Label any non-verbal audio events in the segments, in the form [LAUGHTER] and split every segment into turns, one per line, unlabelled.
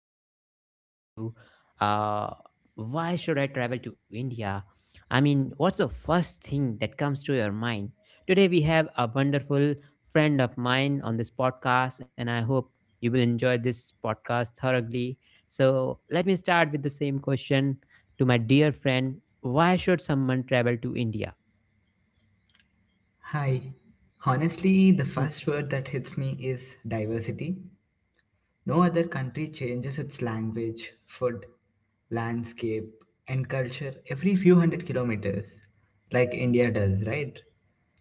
If someone asks you, uh, why should I travel to India? I mean, what's the first thing that comes to your mind? Today, we have a wonderful friend of mine on this podcast, and I hope you will enjoy this podcast thoroughly. So, let me start with the same question to my dear friend. Why should someone travel to India?
Hi. Honestly, the
Hmm.
first word that hits me is diversity. No other country changes its language, food, landscape, and culture every few hundred kilometers, like India does, right?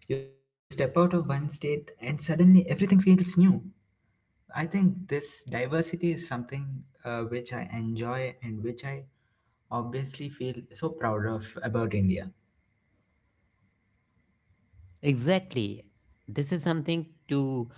You step out of one state and suddenly everything feels new. I think this diversity is something which I enjoy and which I obviously feel so proud of about India.
Exactly. This is something to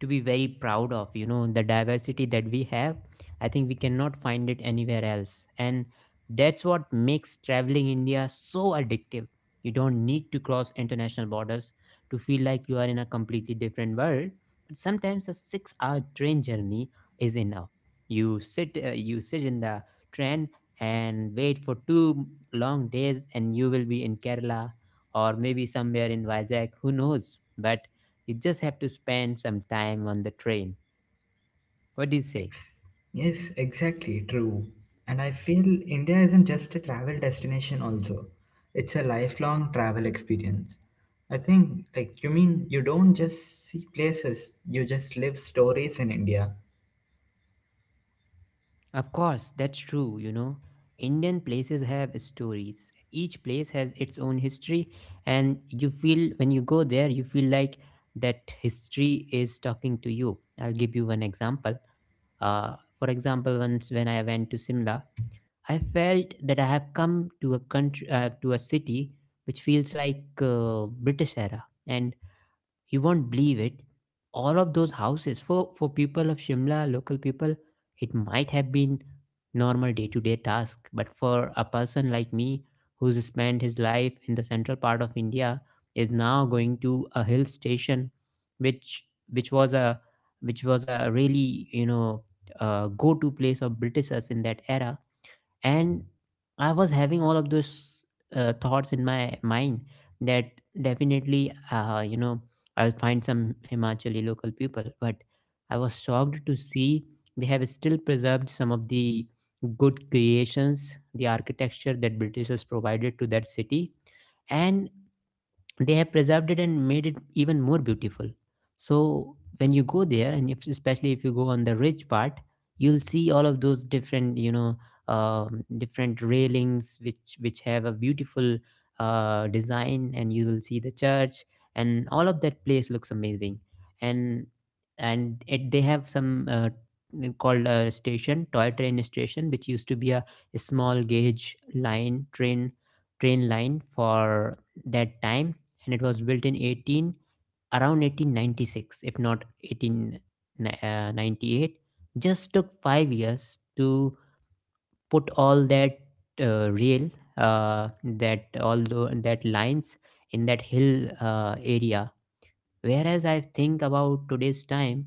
to be very proud of, you know, the diversity that we have. I think we cannot find it anywhere else, and that's what makes traveling India so addictive. You don't need to cross international borders to feel like you are in a completely different world, but sometimes a 6-hour train journey is enough. You sit, you sit in the train and wait for two long days, and you will be in Kerala, or maybe somewhere in Vizag, who knows. But you just have to spend some time on the train. What do you say?
Ex- Yes, exactly, true. And I feel India isn't just a travel destination also. It's a lifelong travel experience. I think, like you mean, you don't just see places, you just live stories in India.
Of course, that's true, you know. Indian places have stories. Each place has its own history, and you feel when you go there, you feel like that history is talking to you. I'll give you one example. For example, once when I went to Simla, I felt that I have come to a country, to a city which feels like British era, and you won't believe it. All of those houses for people of Shimla, local people, it might have been normal day-to-day task, but for a person like me who's spent his life in the central part of India is now going to a hill station which which was a which was a really, you know, go-to place of Britishers in that era. And I was having all of those thoughts in my mind that definitely, you know, I'll find some Himachali local people, but I was shocked to see they have still preserved some of the good creations, the architecture that Britishers provided to that city, and they have preserved it and made it even more beautiful. So when you go there, and if, especially if you go on the ridge part, you'll see all of those different, you know, different railings which have a beautiful design, and you will see the church, and all of that place looks amazing. and and it, they have some called a station, toy train station, which used to be a small gauge line train line for that time, and it was built in 18, around 1896, if not 1898. Just took 5 years to put all that rail uh, that all the that lines in that hill area. Whereas I think about today's time,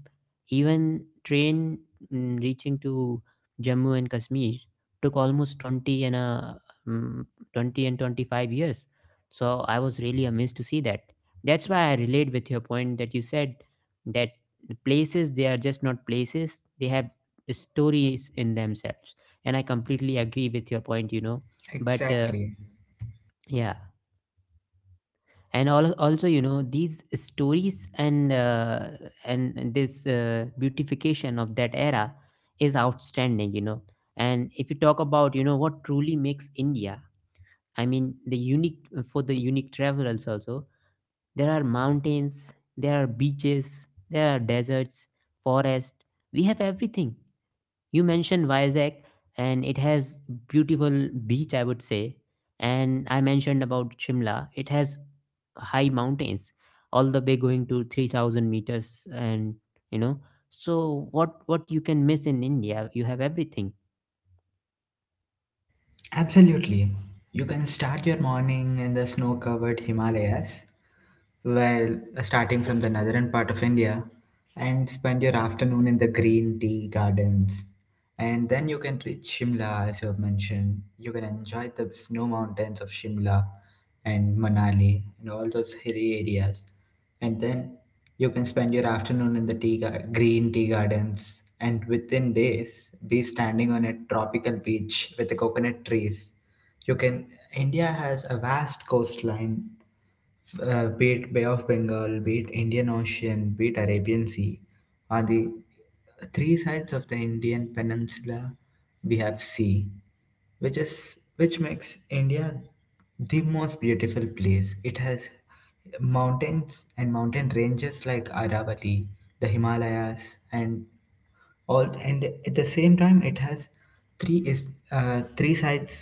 even train, reaching to Jammu and Kashmir, took almost 20 and a mm, 20 and 25 years. So I was really amazed to see that. That's why I relate with your point that you said, that the places, they are just not places, they have stories in themselves. And I completely agree with your point, you know. But
Exactly.
yeah, and all, also, you know, these stories and, and this beautification of that era is outstanding, you know. And if you talk about, you know, what truly makes India, I mean, the unique, for the unique travelers also, there are mountains, there are beaches, there are deserts, forest, we have everything. You mentioned Vizag, and it has beautiful beach, I would say. And I mentioned about Shimla, it has high mountains, all the way going to 3,000 meters, and you know. So what you can miss in India, you have everything.
Absolutely. You can start your morning in the snow-covered Himalayas. Well, starting from the northern part of India, and spend your afternoon in the green tea gardens. And then you can reach Shimla, as you have mentioned. You can enjoy the snow mountains of Shimla and Manali and all those hilly areas. And then you can spend your afternoon in the green tea gardens, and within days be standing on a tropical beach with the coconut trees, you can. India has a vast coastline, be it Bay of Bengal, be it Indian Ocean, be it Arabian Sea. On the three sides of the Indian Peninsula, we have sea, which is which makes India the most beautiful place. It has mountains and mountain ranges like Aravalli, the Himalayas, and all, and at the same time it has three is three sides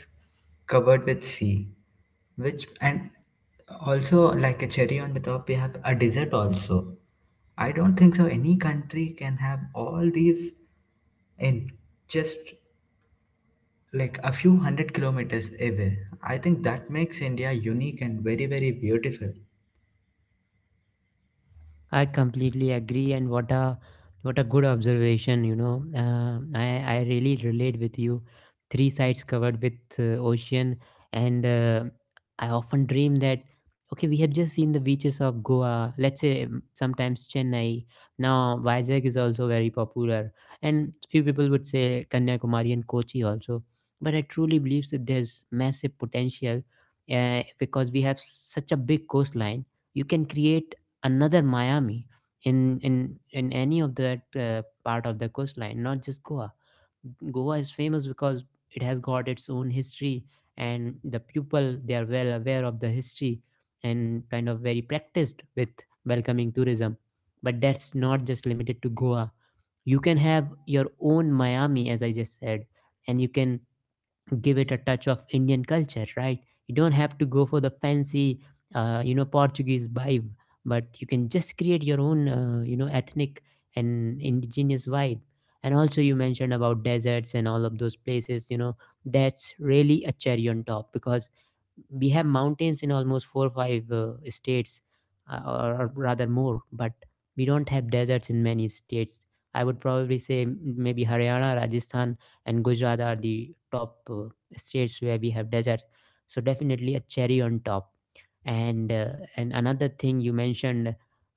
covered with sea, which, and also, like a cherry on the top, we have a dessert also. I don't think so any country can have all these in just like a few hundred kilometers away. I think that makes India unique and very, very beautiful.
I completely agree, and what a good observation. You know, I really relate with you. Three sides covered with ocean, and I often dream that okay, we have just seen the beaches of Goa. Let's say, sometimes Chennai. Now Vizag is also very popular, and few people would say Kanyakumari and Kochi also. But I truly believe that there's massive potential because we have such a big coastline. You can create another Miami in in any of that part of the coastline, not just Goa. Goa is famous because it has got its own history, and the people, they are well aware of the history and kind of very practiced with welcoming tourism. But that's not just limited to Goa. You can have your own Miami, as I just said, and you can give it a touch of Indian culture, right? You don't have to go for the fancy, you know, Portuguese vibe, but you can just create your own, you know, ethnic and indigenous vibe. And also, you mentioned about deserts and all of those places, you know, that's really a cherry on top because we have mountains in almost four or five states, or rather more, but we don't have deserts in many states. I would probably say maybe Haryana, Rajasthan, and Gujarat are the top states where we have desert. So definitely a cherry on top. And and another thing you mentioned,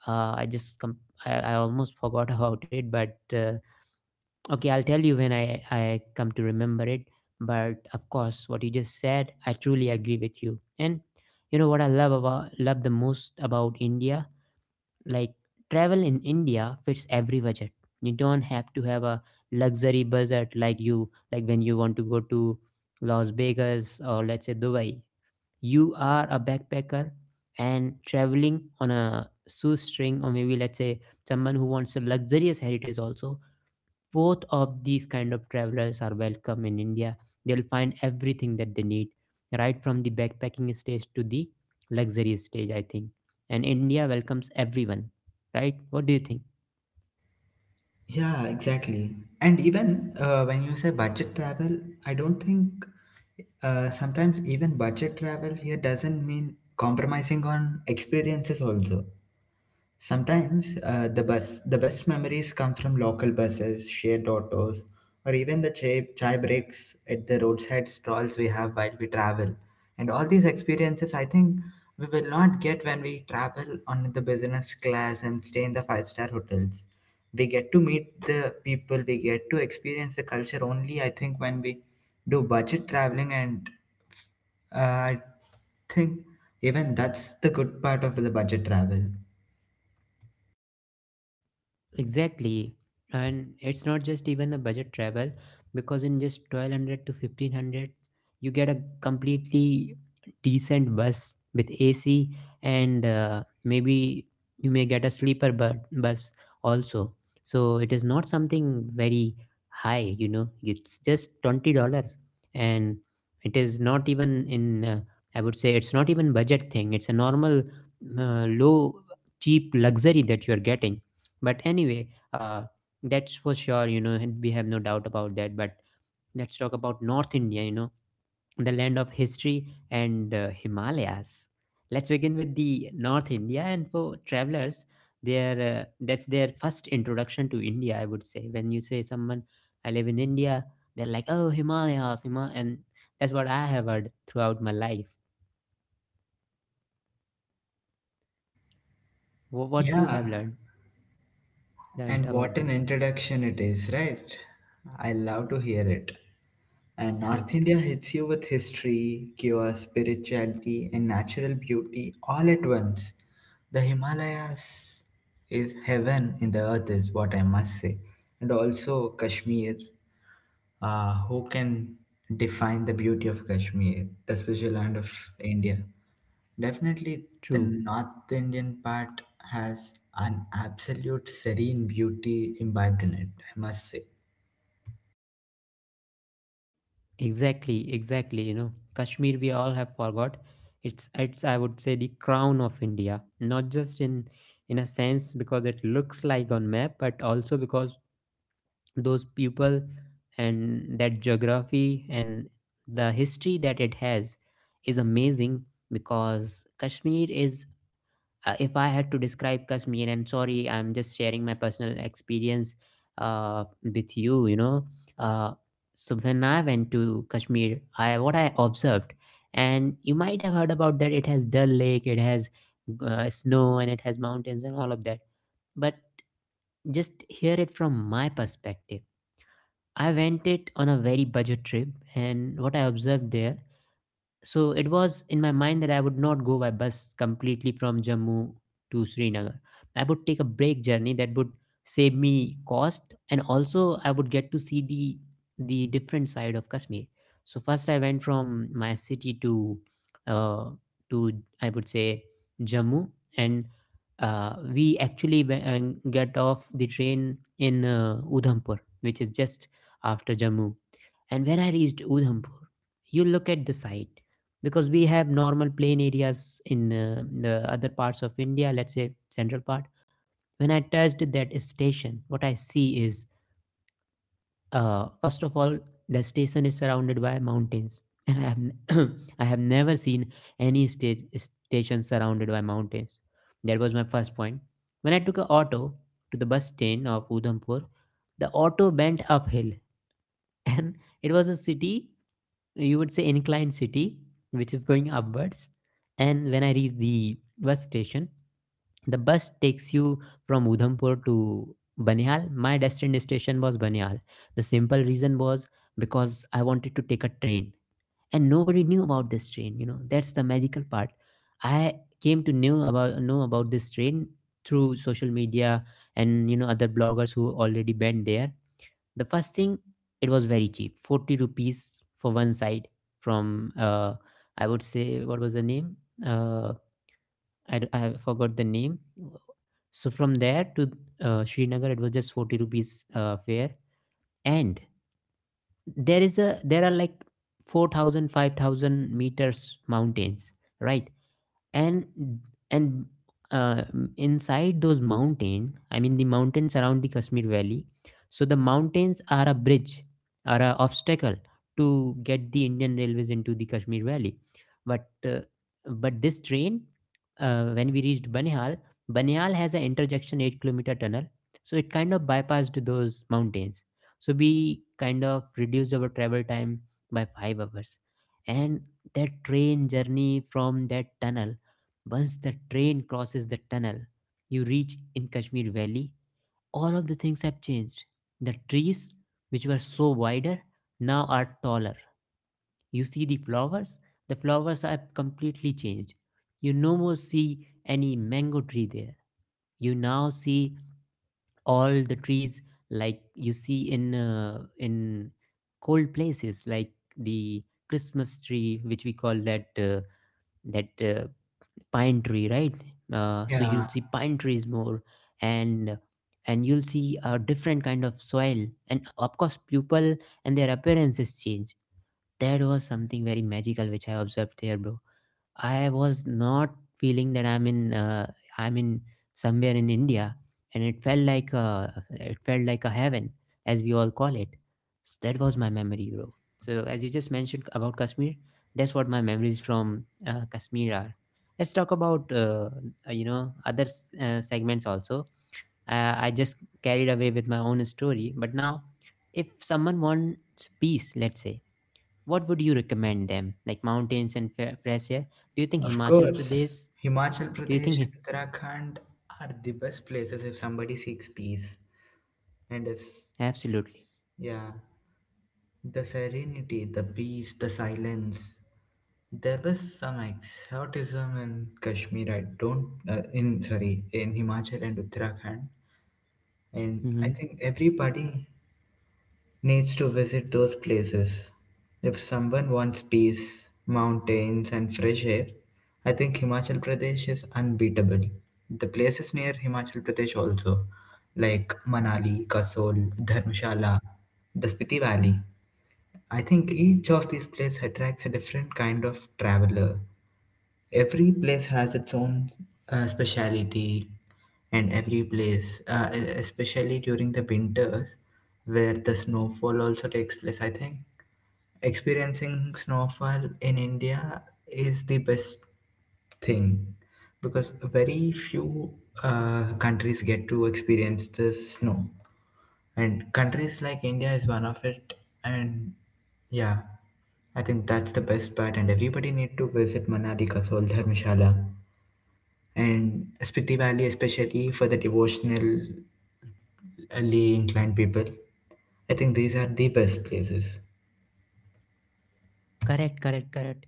uh, i just com- I almost forgot [LAUGHS] about it, but okay, I'll tell you when I come to remember it. But of course, what you just said, I truly agree with you. And you know what I love the most about India, like, travel in India fits every budget. You don't have to have a luxury budget like you like when you want to go to Las Vegas, or let's say Dubai. You are a backpacker and traveling on a shoestring, or maybe, let's say, someone who wants a luxurious heritage also, both of these kind of travelers are welcome in India. They'll find everything that they need, right from the backpacking stage to the luxury stage, I think. And India welcomes everyone, right? What do you think?
Yeah, exactly. And even when you say budget travel, I don't think sometimes even budget travel here doesn't mean compromising on experiences also. Sometimes the bus, the best memories come from local buses, shared autos, or even the chai breaks at the roadside stalls we have while we travel. And all these experiences, I think, we will not get when we travel on the business class and stay in the five-star hotels. We get to meet the people, we get to experience the culture only, I think, when we do budget traveling. And I think even that's the good part of the budget travel.
Exactly. And it's not just even a budget travel, because in just 1200 to 1500 you get a completely decent bus with AC, and maybe you may get a sleeper bus also. So it is not something very high, you know. It's just $20. And it is not even in, I would say, it's not even budget thing. It's a normal low cheap luxury that you are getting. But anyway, uh, that's for sure, you know, and we have no doubt about that. But let's talk about North India, you know, the land of history and Himalayas. Let's begin with the North India, and for travelers, their that's their first introduction to India. I would say, when you say someone, I live in India, they're like, oh, Himalayas, Hima, and that's what I have heard throughout my life. What you have
Yeah.
learned
And
about
what an
this?
introduction it is, right? I love to hear it. And North India
[LAUGHS]
hits you with history, cure, spirituality, and natural beauty all at once. The Himalayas is heaven in the earth, is what I must say. And also Kashmir. Who can define the beauty of Kashmir, the special land of India? Definitely, the
True.
North Indian part has an absolute serene beauty imbibed in it, I must say.
Exactly, exactly. You know, Kashmir, we all have forgot. It's, I would say, the crown of India, not just in a sense because it looks like on map, but also because those people and that geography and the history that it has is amazing. Because Kashmir is, if I had to describe Kashmir, and sorry, I'm just sharing my personal experience with you, you know. Uh, so when I went to Kashmir, I, what I observed, and you might have heard about that, it has Dal Lake, it has snow, and it has mountains, and all of that. But just hear it from my perspective. I went it on a very budget trip, and what I observed there, so it was in my mind that I would not go by bus completely from Jammu to Srinagar. I would take a break journey that would save me cost, and also I would get to see the different side of Kashmir. So first I went from my city to, uh, to I would say, Jammu, and uh, we actually we- uh, get off the train in, Udhampur, which is just after Jammu. And when I reached Udhampur, you look at the site, because we have normal plain areas in, the other parts of India, let's say central part. When I touched that station, what I see is, first of all, the station is surrounded by mountains, [LAUGHS] and I have [COUGHS] [CLEARS THROAT] I have never seen any stage station surrounded by mountains. That was my first point. When I took a auto to the bus stand of Udhampur, the auto bent uphill, and it was a city, you would say, inclined city, which is going upwards. And when I reached the bus station, the bus takes you from Udhampur to Banihal. My destined station was Banihal. The simple reason was because I wanted to take a train and nobody knew about this train. That's the magical part. I came to know about this train through social media and other bloggers who already went there. The first thing, it was very cheap, 40 rupees for one side from, I would say, what was the name? Uh, I forgot the name. So from there to Srinagar, it was just 40 rupees fare. And there is a there are like 4,000, 5,000 meters mountains, right? and and uh, Inside those mountain, the mountains around the Kashmir Valley, so the mountains are a obstacle to get the Indian Railways into the Kashmir Valley. But uh, but this train, when we reached Banihal, Banihal has an intersection 8-kilometer tunnel, so it kind of bypassed those mountains, so we kind of reduced our travel time by 5 hours. And that train journey from that tunnel, once the train crosses the tunnel, you reach in Kashmir Valley, all of the things have changed. The trees, which were so wider, now are taller. You see the flowers are completely changed. You no more see any mango tree there. You now see all the trees like you see in cold places, like the Christmas tree, which we call that that pine tree, right? So you'll
Yeah,
see pine trees more, and and you'll see a different kind of soil and of course people and their appearances change. That was something very magical which I observed there, bro. I was not feeling that I'm in somewhere in India, and it felt like it felt like a heaven, as we all call it. So that was my memory, bro. So as you just mentioned about Kashmir, that's what my memories from Kashmir are. Let's talk about other segments also. I just carried away with my own story, but now if someone wants peace, let's say, what would you recommend them? Like mountains and fresh air? Do you think
of
Himachal
course.
Pradesh?
Himachal
Do you
Pradesh
think him?
and Uttarakhand are the best places if somebody seeks peace. And if, s-
Absolutely.
yeah, the serenity, the peace, the silence. There was some exoticism in Kashmir, I don't, in, sorry, in Himachal and Uttarakhand. And
Hmm.
I think everybody needs to visit those places. If someone wants peace, mountains, and fresh air, I think Himachal Pradesh is unbeatable. The places near Himachal Pradesh also, like Manali, Kasol, Dharmshala, the Spiti Valley, I think each of these places attracts a different kind of traveler. Every place has its own speciality, and every place, especially during the winters, where the snowfall also takes place, I think experiencing snowfall in India is the best thing, because very few countries get to experience the snow, and countries like India is one of it. And yeah, I think that's the best part. And everybody need to visit Manali, Kasol, Dharmshala, and Spiti Valley, especially for the devotionally inclined people. I think these are the best places.
Correct, correct, correct.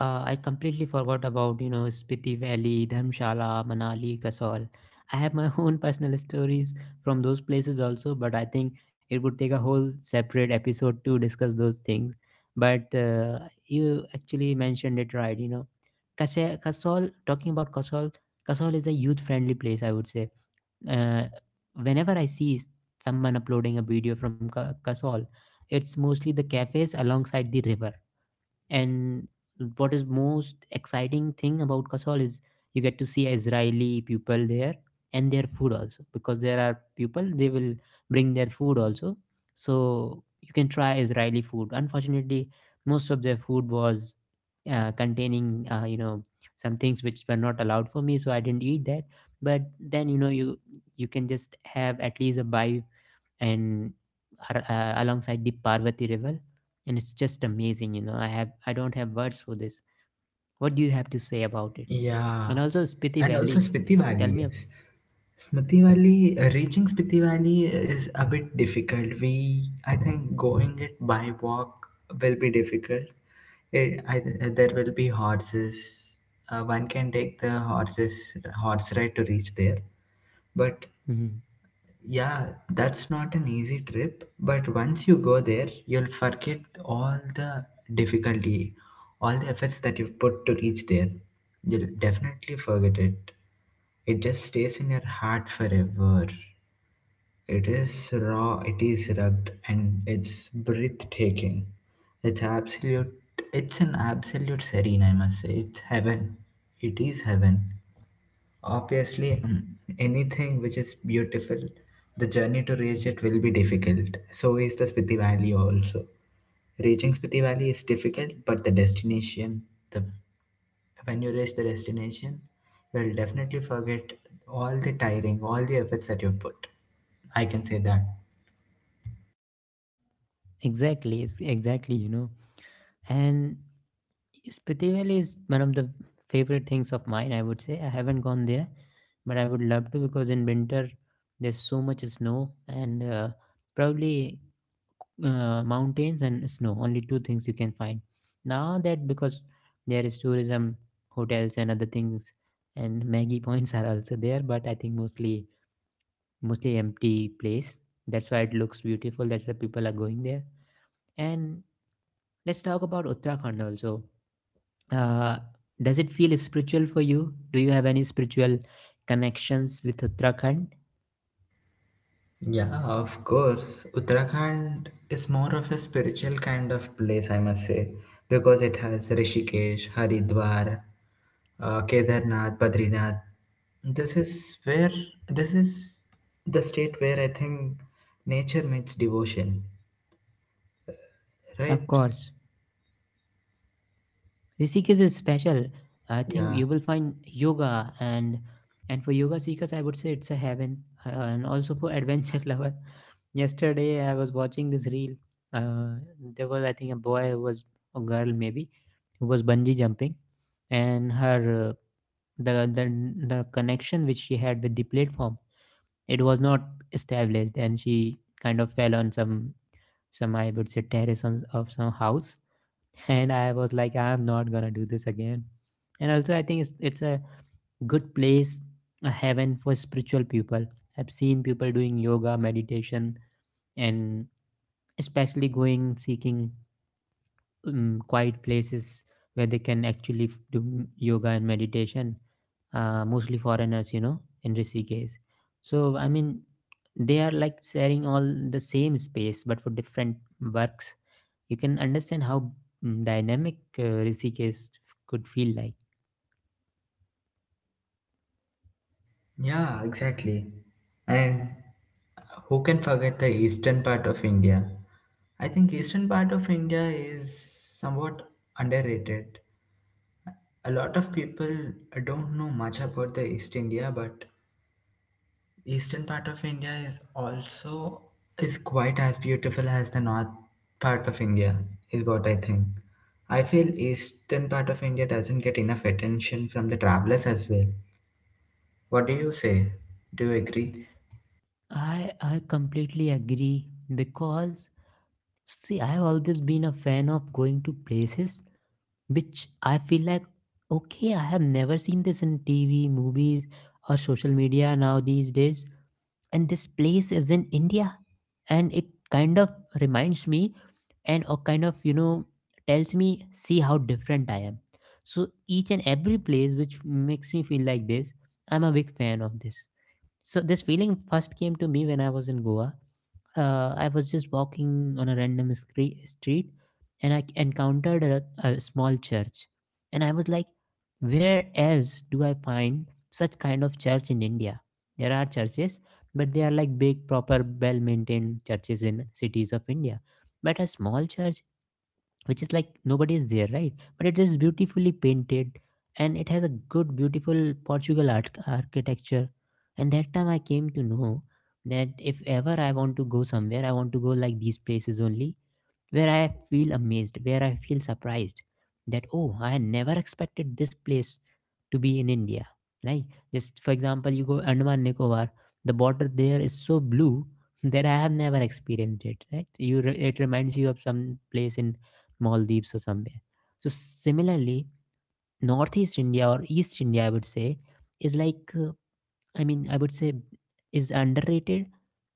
I completely forgot about Spiti Valley, Dharmshala, Manali, Kasol. I have my [LAUGHS] own personal stories from those places also, but I think it would take a whole separate episode to discuss those things. But you actually mentioned it right. You know, Kasol. Talking about Kasol, Kasol is a youth-friendly place. I would say, uh, whenever I see someone uploading a video from Kasol, it's mostly the cafes alongside the river. And what is most exciting thing about Kasol is you get to see Israeli people there and their food also, because there are people they will bring their food also. So you can try Israeli food. Unfortunately, most of their food was containing, some things which were not allowed for me, so I didn't eat that. But then you know, you can just have at least a bite. And alongside the Parvati River, and it's just amazing. You know, I don't have words for this. What do you have to say about it?
Yeah,
And also Spiti
and also
Valley.
Spiti
Tell
Valley,
me.
yes. Smriti Valley, reaching Spiti Valley is a bit difficult. We, I think, going it by walk will be difficult. There will be horses. One can take the horse ride to reach there, but
Mhm.
yeah, that's not an easy trip, but once you go there, you'll forget all the difficulty, all the efforts that you've put to reach there. You'll definitely forget it. It just stays in your heart forever. It is raw, it is rugged, and it's breathtaking. It's absolute, it's an absolute serene, I must say. It's heaven. It is heaven. Obviously, anything which is beautiful, the journey to reach it will be difficult. So is the Spiti Valley also. Reaching Spiti Valley is difficult, but the destination, the when you reach the destination, you will definitely forget all the tiring, all the efforts that you put. I can say that.
Exactly, exactly. You know, and Spiti Valley is one of the favorite things of mine. I would say I haven't gone there, but I would love to because in winter there's so much snow and, probably, mountains and snow only two things you can find now, that because there is tourism, hotels and other things, and [LAUGHS] maggie points are also there. But I think mostly, mostly empty place, that's why it looks beautiful, that's why people are going there. And let's talk about Uttarakhand also. uh, does it feel spiritual for you? Do you have any spiritual connections with Uttarakhand?
Yeah, of course. Uttarakhand is more of a spiritual kind of place, I must say, because it has Rishikesh, Haridwar, Kedarnath, Badrinath. This is where this is the state where I think nature meets devotion,
Of
right?
course. Rishikesh is special. I think
Yeah,
you will find yoga, and for yoga seekers, I would say it's a heaven. And also for adventure [LAUGHS] lover, yesterday I was watching this reel. Uh, there was, I think, a boy who was, a girl maybe, who was bungee jumping, and her, the the connection which she had with the platform, it was not established, and she kind of fell on some, I would say terrace on, of some house. And I was like, I'm not gonna do this again. And also, I think it's a good place, a heaven for spiritual people. I've seen people doing yoga, meditation, and especially going seeking quiet places where they can actually do yoga and meditation. Mostly foreigners, you know, in Rishikesh. So I mean, they are like sharing all the same space, but for different works. You can understand how, dynamic Rishikesh could feel like.
yeah, exactly. And who can forget the eastern part of India? I think eastern part of India is somewhat underrated. A lot of people don't know much about the East India, but eastern part of India is also is quite as beautiful as the north part of India, is what I think. I feel eastern part of India doesn't get enough attention from the travelers as well. What do you say, do you agree?
I completely agree because, see, I've always been a fan of going to places which I feel like, okay, I have never seen this in TV, movies or social media now these days, and this place is in India, and it kind of reminds me, and or kind of, tells me, see how different I am. So each and every place which makes me feel like this, I'm a big fan of this. So this feeling first came to me when I was in Goa. I was just walking on a random street and I encountered a small church. And I was like, where else do I find such kind of church in India? There are churches, but they are like big, proper, well maintained churches in cities of India. But a small church, which is like nobody is there, right? But it is beautifully painted and it has a good beautiful Portugal art architecture. And that time I came to know that if ever I want to go somewhere, I want to go like these places only, where I feel amazed, where I feel surprised that, oh, I never expected this place to be in India. Like, just for example, you go Andaman Nicobar, the water there is so blue [LAUGHS] that I have never experienced it, right? You, it reminds you of some place in Maldives or somewhere. So, similarly, Northeast India or East India, I would say, is like, I would say is underrated.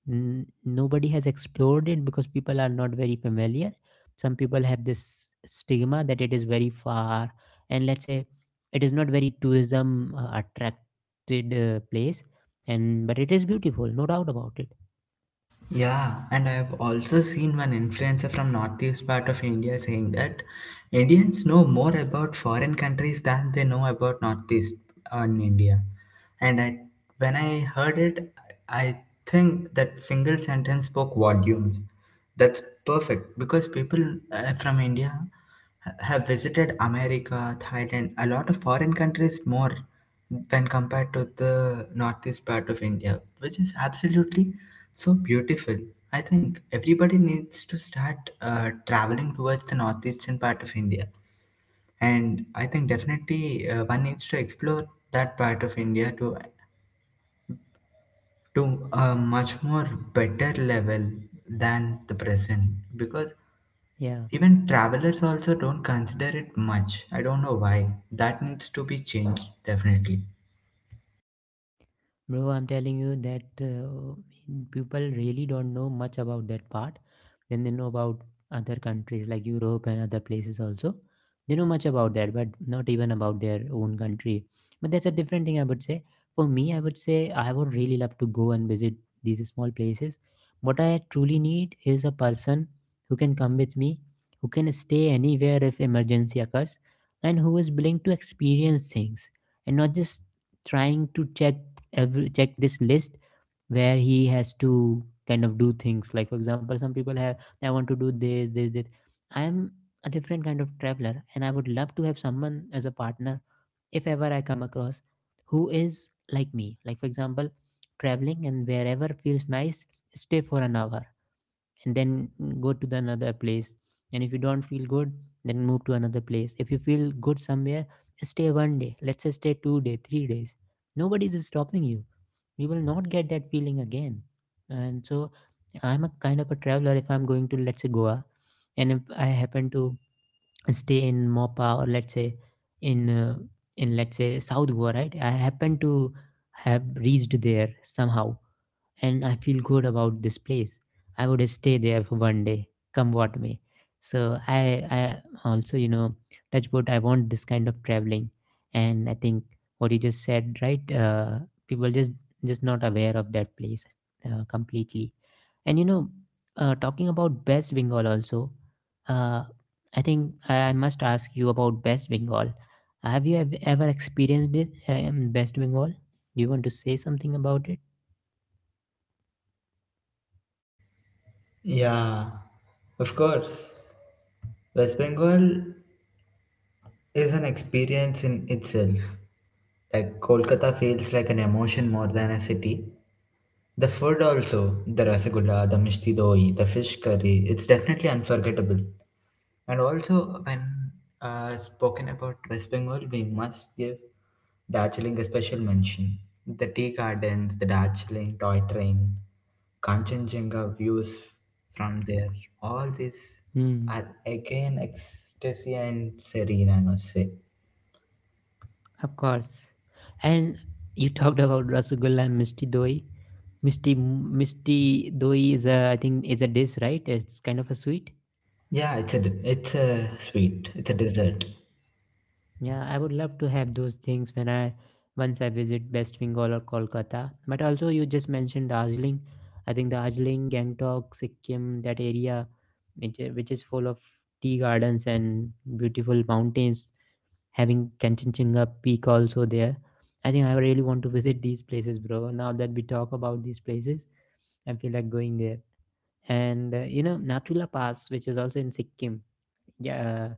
Nobody has explored it because people are not very familiar. Some people have this stigma that it is very far, and let's say it is not very tourism attracted place. And but it is beautiful, no doubt about it.
Yeah, and I have also seen one influencer from northeast part of India saying that Indians know more about foreign countries than they know about northeast on India. And I, when I heard it, I think that single sentence spoke volumes. That's perfect because people from India have visited America, Thailand, a lot of foreign countries more when compared to the northeast part of India, which is absolutely so beautiful. I think everybody needs to start traveling towards the northeastern part of India. And I think definitely one needs to explore that part of India to a much more better level than the present. Because
Yeah.
even travelers also don't consider it much. I don't know why. That needs to be changed, definitely.
Bro, I'm telling you that, people really don't know much about that part. Then they know about other countries like Europe and other places also. They know much about that, but not even about their own country. But that's a different thing, I would say. For me, I would say I would really love to go and visit these small places. What I truly need is a person who can come with me, who can stay anywhere if emergency occurs, and who is willing to experience things and not just trying to check every, check this list, where he has to kind of do things. Like for example, some people have, I want to do this, this, this. I am a different kind of traveler, and I would love to have someone as a partner, if ever I come across, who is like me. Like for example, traveling and wherever feels nice, stay for an hour, and then go to the another place. And if you don't feel good, then move to another place. If you feel good somewhere, stay 1 day, let's say, stay 2 day, 3 days. Nobody's stopping you. We will not get that feeling again. And so I'm a kind of a traveler, if I'm going to, let's say, Goa, and if I happen to stay in Mopa, or let's say in, let's say South Goa, right? I happen to have reached there somehow and I feel good about this place, I would stay there for 1 day, come what may. So I also, you know, touch wood, I want this kind of traveling. And I think what you just said, right? People just not aware of that place, completely. And you know, talking about West Bengal also, uh, I think I must ask you about West Bengal. Have you ever experienced it in West Bengal? Do you want to say something about it?
Yeah, of course. West Bengal is an experience in itself. Like Kolkata feels like an emotion more than a city. The food also, the rasagulla, the mishti doi, the fish curry, it's definitely unforgettable. And also, when spoken about West Bengal, we must give Darjeeling a special mention. The tea gardens, the Darjeeling toy train, Kanchenjunga views from there, all these
Hmm.
are again ecstasy and serene, I must say.
Of course. And you talked about rasgulla and misti doi. Misti doi is a, I think is a dish, right? It's kind of a sweet.
Yeah, it's a sweet. It's a dessert.
Yeah, I would love to have those things when I once I visit West Bengal or Kolkata. But also you just mentioned Darjeeling. I think Darjeeling, Gangtok, Sikkim, that area which is full of tea gardens and beautiful mountains, having Kanchenjunga Peak also there. I think I really want to visit these places, bro. Now that we talk about these places, I feel like going there. And Nathula Pass, which is also in Sikkim. Yeah,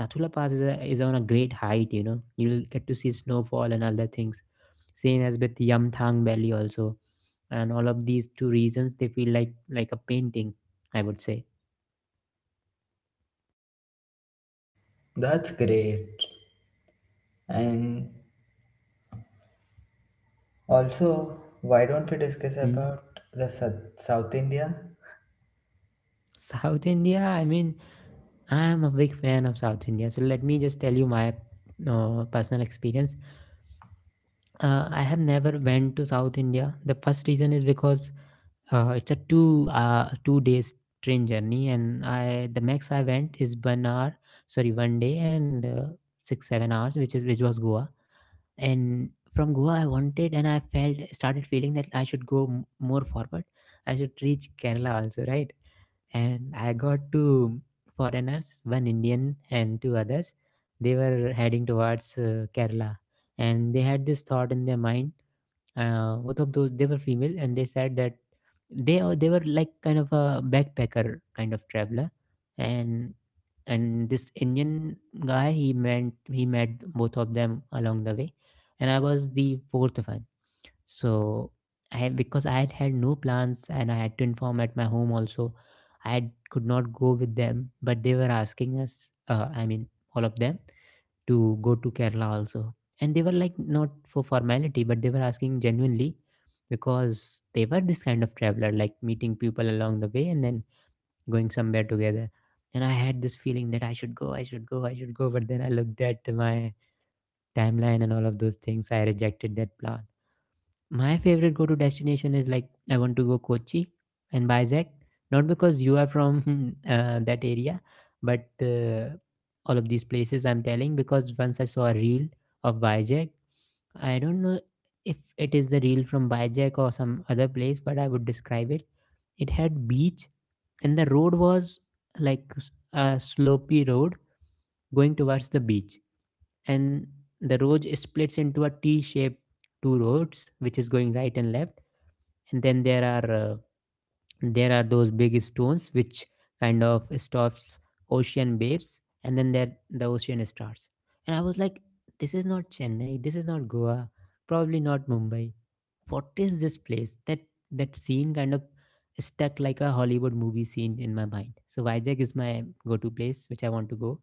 Nathula Pass is, a, is on a great height. You know, you'll get to see snowfall and other things. Same as with Yamthang Valley also, and all of these two reasons they feel like a painting, I would say.
That's great. And also, why don't we discuss
Hmm.
about the South India?
South India, I mean, I am a big fan of South India, so let me just tell you my personal experience. I have never went to South India. The first reason is because it's a 2 days train journey, and I the max I went is 1 hour, sorry, 1 day and 6 7 hours, which is which was Goa. And from Goa, I wanted and I felt started feeling that I should go more forward. I should reach Kerala also, right? And I got two foreigners, one Indian and two others. They were heading towards Kerala, and they had this thought in their mind. Both of those they were female, and they said that they were like kind of a backpacker kind of traveler, and and this Indian guy he met both of them along the way, and I was the fourth one. So I, because I had no plans and I had to inform at my home also, I had, could not go with them, but they were asking us, I mean, all of them, to go to Kerala also. And they were like not for formality, but they were asking genuinely because they were this kind of traveler, like meeting people along the way and then going somewhere together. And I had this feeling that I should go, but then I looked at my timeline and all of those things, I rejected that plan. My favorite go to destination is like I want to go Kochi and Vizag, not because you are from [LAUGHS] that area, but all of these places I'm telling because once I saw a reel of Vizag. I don't know if it is the reel from Vizag or some other place, but I would describe it. It had beach and the road was like a slopey road going towards the beach, and the road splits into a T-shaped two roads which is going right and left. And then there are those big stones which kind of stops ocean waves, and then there the ocean starts. And I was like, this is not Chennai, this is not Goa, probably not Mumbai. What is this place? That scene kind of stuck like a Hollywood movie scene in my mind. So Vijayag is my go to place which I want to go.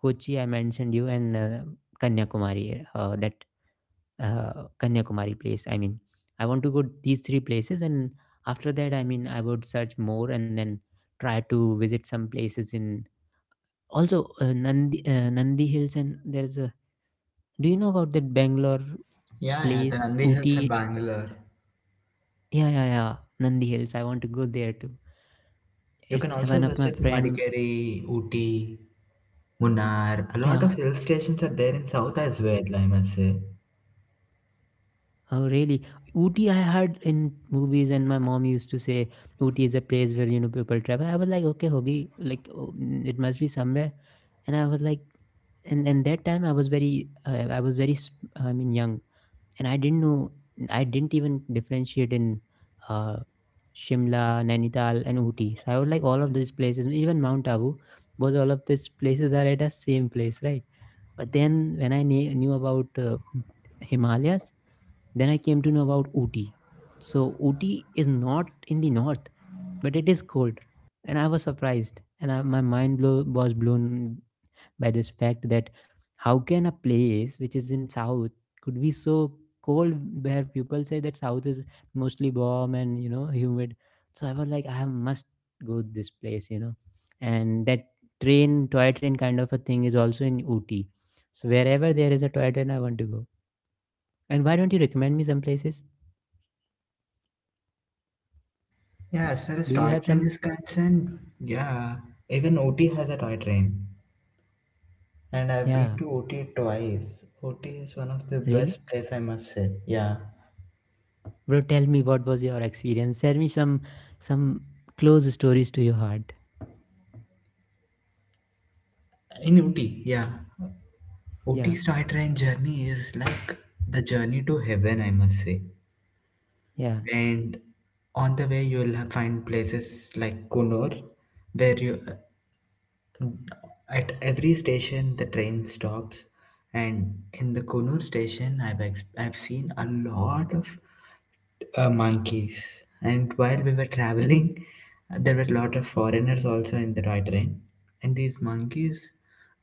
Kochi I mentioned you, and Kanyakumari, that uh, Kanyakumari place. I mean, I want to go these three places, and after that, I mean, I would search more and then try to visit some places in also Nandi Hills. And there's a do you know about that Bangalore
Yeah, yeah. The
place
Nandi Hills in
Uti?
Bangalore.
Yeah, yeah, yeah, Nandi Hills. I want to go there too.
You
It's
can also
one of my
visit
friend.
Madikeri, Ooty, Munnar. A lot of
Yeah.
hill stations are there in South as well, I must say.
Oh, really? Ooty, I heard in movies, and my mom used to say Ooty is a place where you know people travel. I was like, okay, hogi, like oh, mm, it must be somewhere. And I was like, and that time I was very, I was very, I mean, young, and I didn't know, I didn't even differentiate in uh, Shimla, Nainital, and Ooty. So I was like all of these places, even Mount Abu, was all of these places are at the same place, right? But then when I knew about Himalayas, then I came to know about Ooty. So Ooty is not in the north, but it is cold. And I was surprised, and I, was blown by this fact that how can a place which is in south could be so cold, where people say that south is mostly warm and, you know, humid. So I was like, I must go this place, you know. And that train toy train kind of a thing is also in Ooty. So wherever there is a toy train, I want to go. And why don't you recommend me some places?
Yeah, as far as
Do you
toy
have
train
some?
is concerned, yeah, even Ooty has a toy train. And I've been
Yeah,
to OT twice. OT is one of the best
really,
place I must say. Yeah.
bro, tell me what was your experience. Tell me some close stories to your heart.
In OT, yeah. OT
Yeah,
Star Train journey is like the journey to heaven, I must say.
yeah,
And on the way, you'll find places like Kunur, where you at every station the train stops. And in the Kunur station, I've seen a lot of monkeys. And while we were traveling, [LAUGHS] there were a lot of foreigners also in the toy train. And these monkeys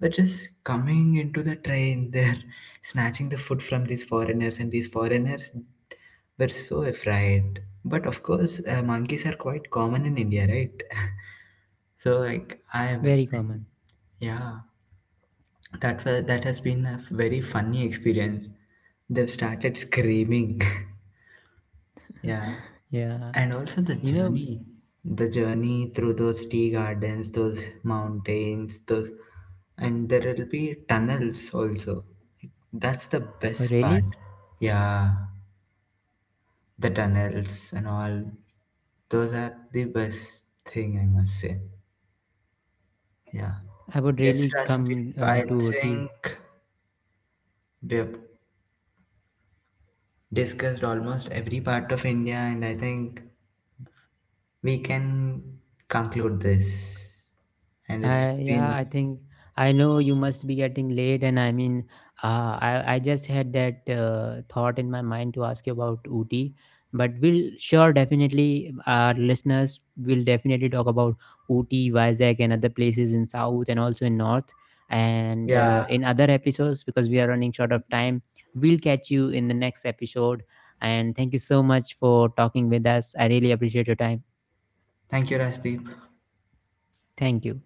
were just coming into the train. [LAUGHS] They're snatching the food from these foreigners, and these foreigners were so afraid. But of course, monkeys are quite common in India, right? [LAUGHS] So like I'm,
very common.
yeah, that was that has been a very funny experience. They've started screaming. [LAUGHS] Yeah,
Yeah,
and also
you know,
the journey through those tea gardens, those mountains, those, and there will be tunnels also, that's the best part.
really,
Yeah, the tunnels and all, those are the best thing, I must say. Yeah.
I would
Yes,
really
Rajdeep,
come
I
to OT.
think we have discussed almost every part of India, and I think we can conclude this. And
I
it's
yeah,
been,
I think I know you must be getting late, and I mean, I just had that thought in my mind to ask you about Ooty, but we'll sure definitely, our listeners will definitely talk about Ooty, Vizag, and other places in South and also in North, and
yeah.
in other episodes because we are running short of time. We'll catch you in the next episode, and thank you so much for talking with us. I really appreciate your time.
Thank you, Rajdeep.
Thank you.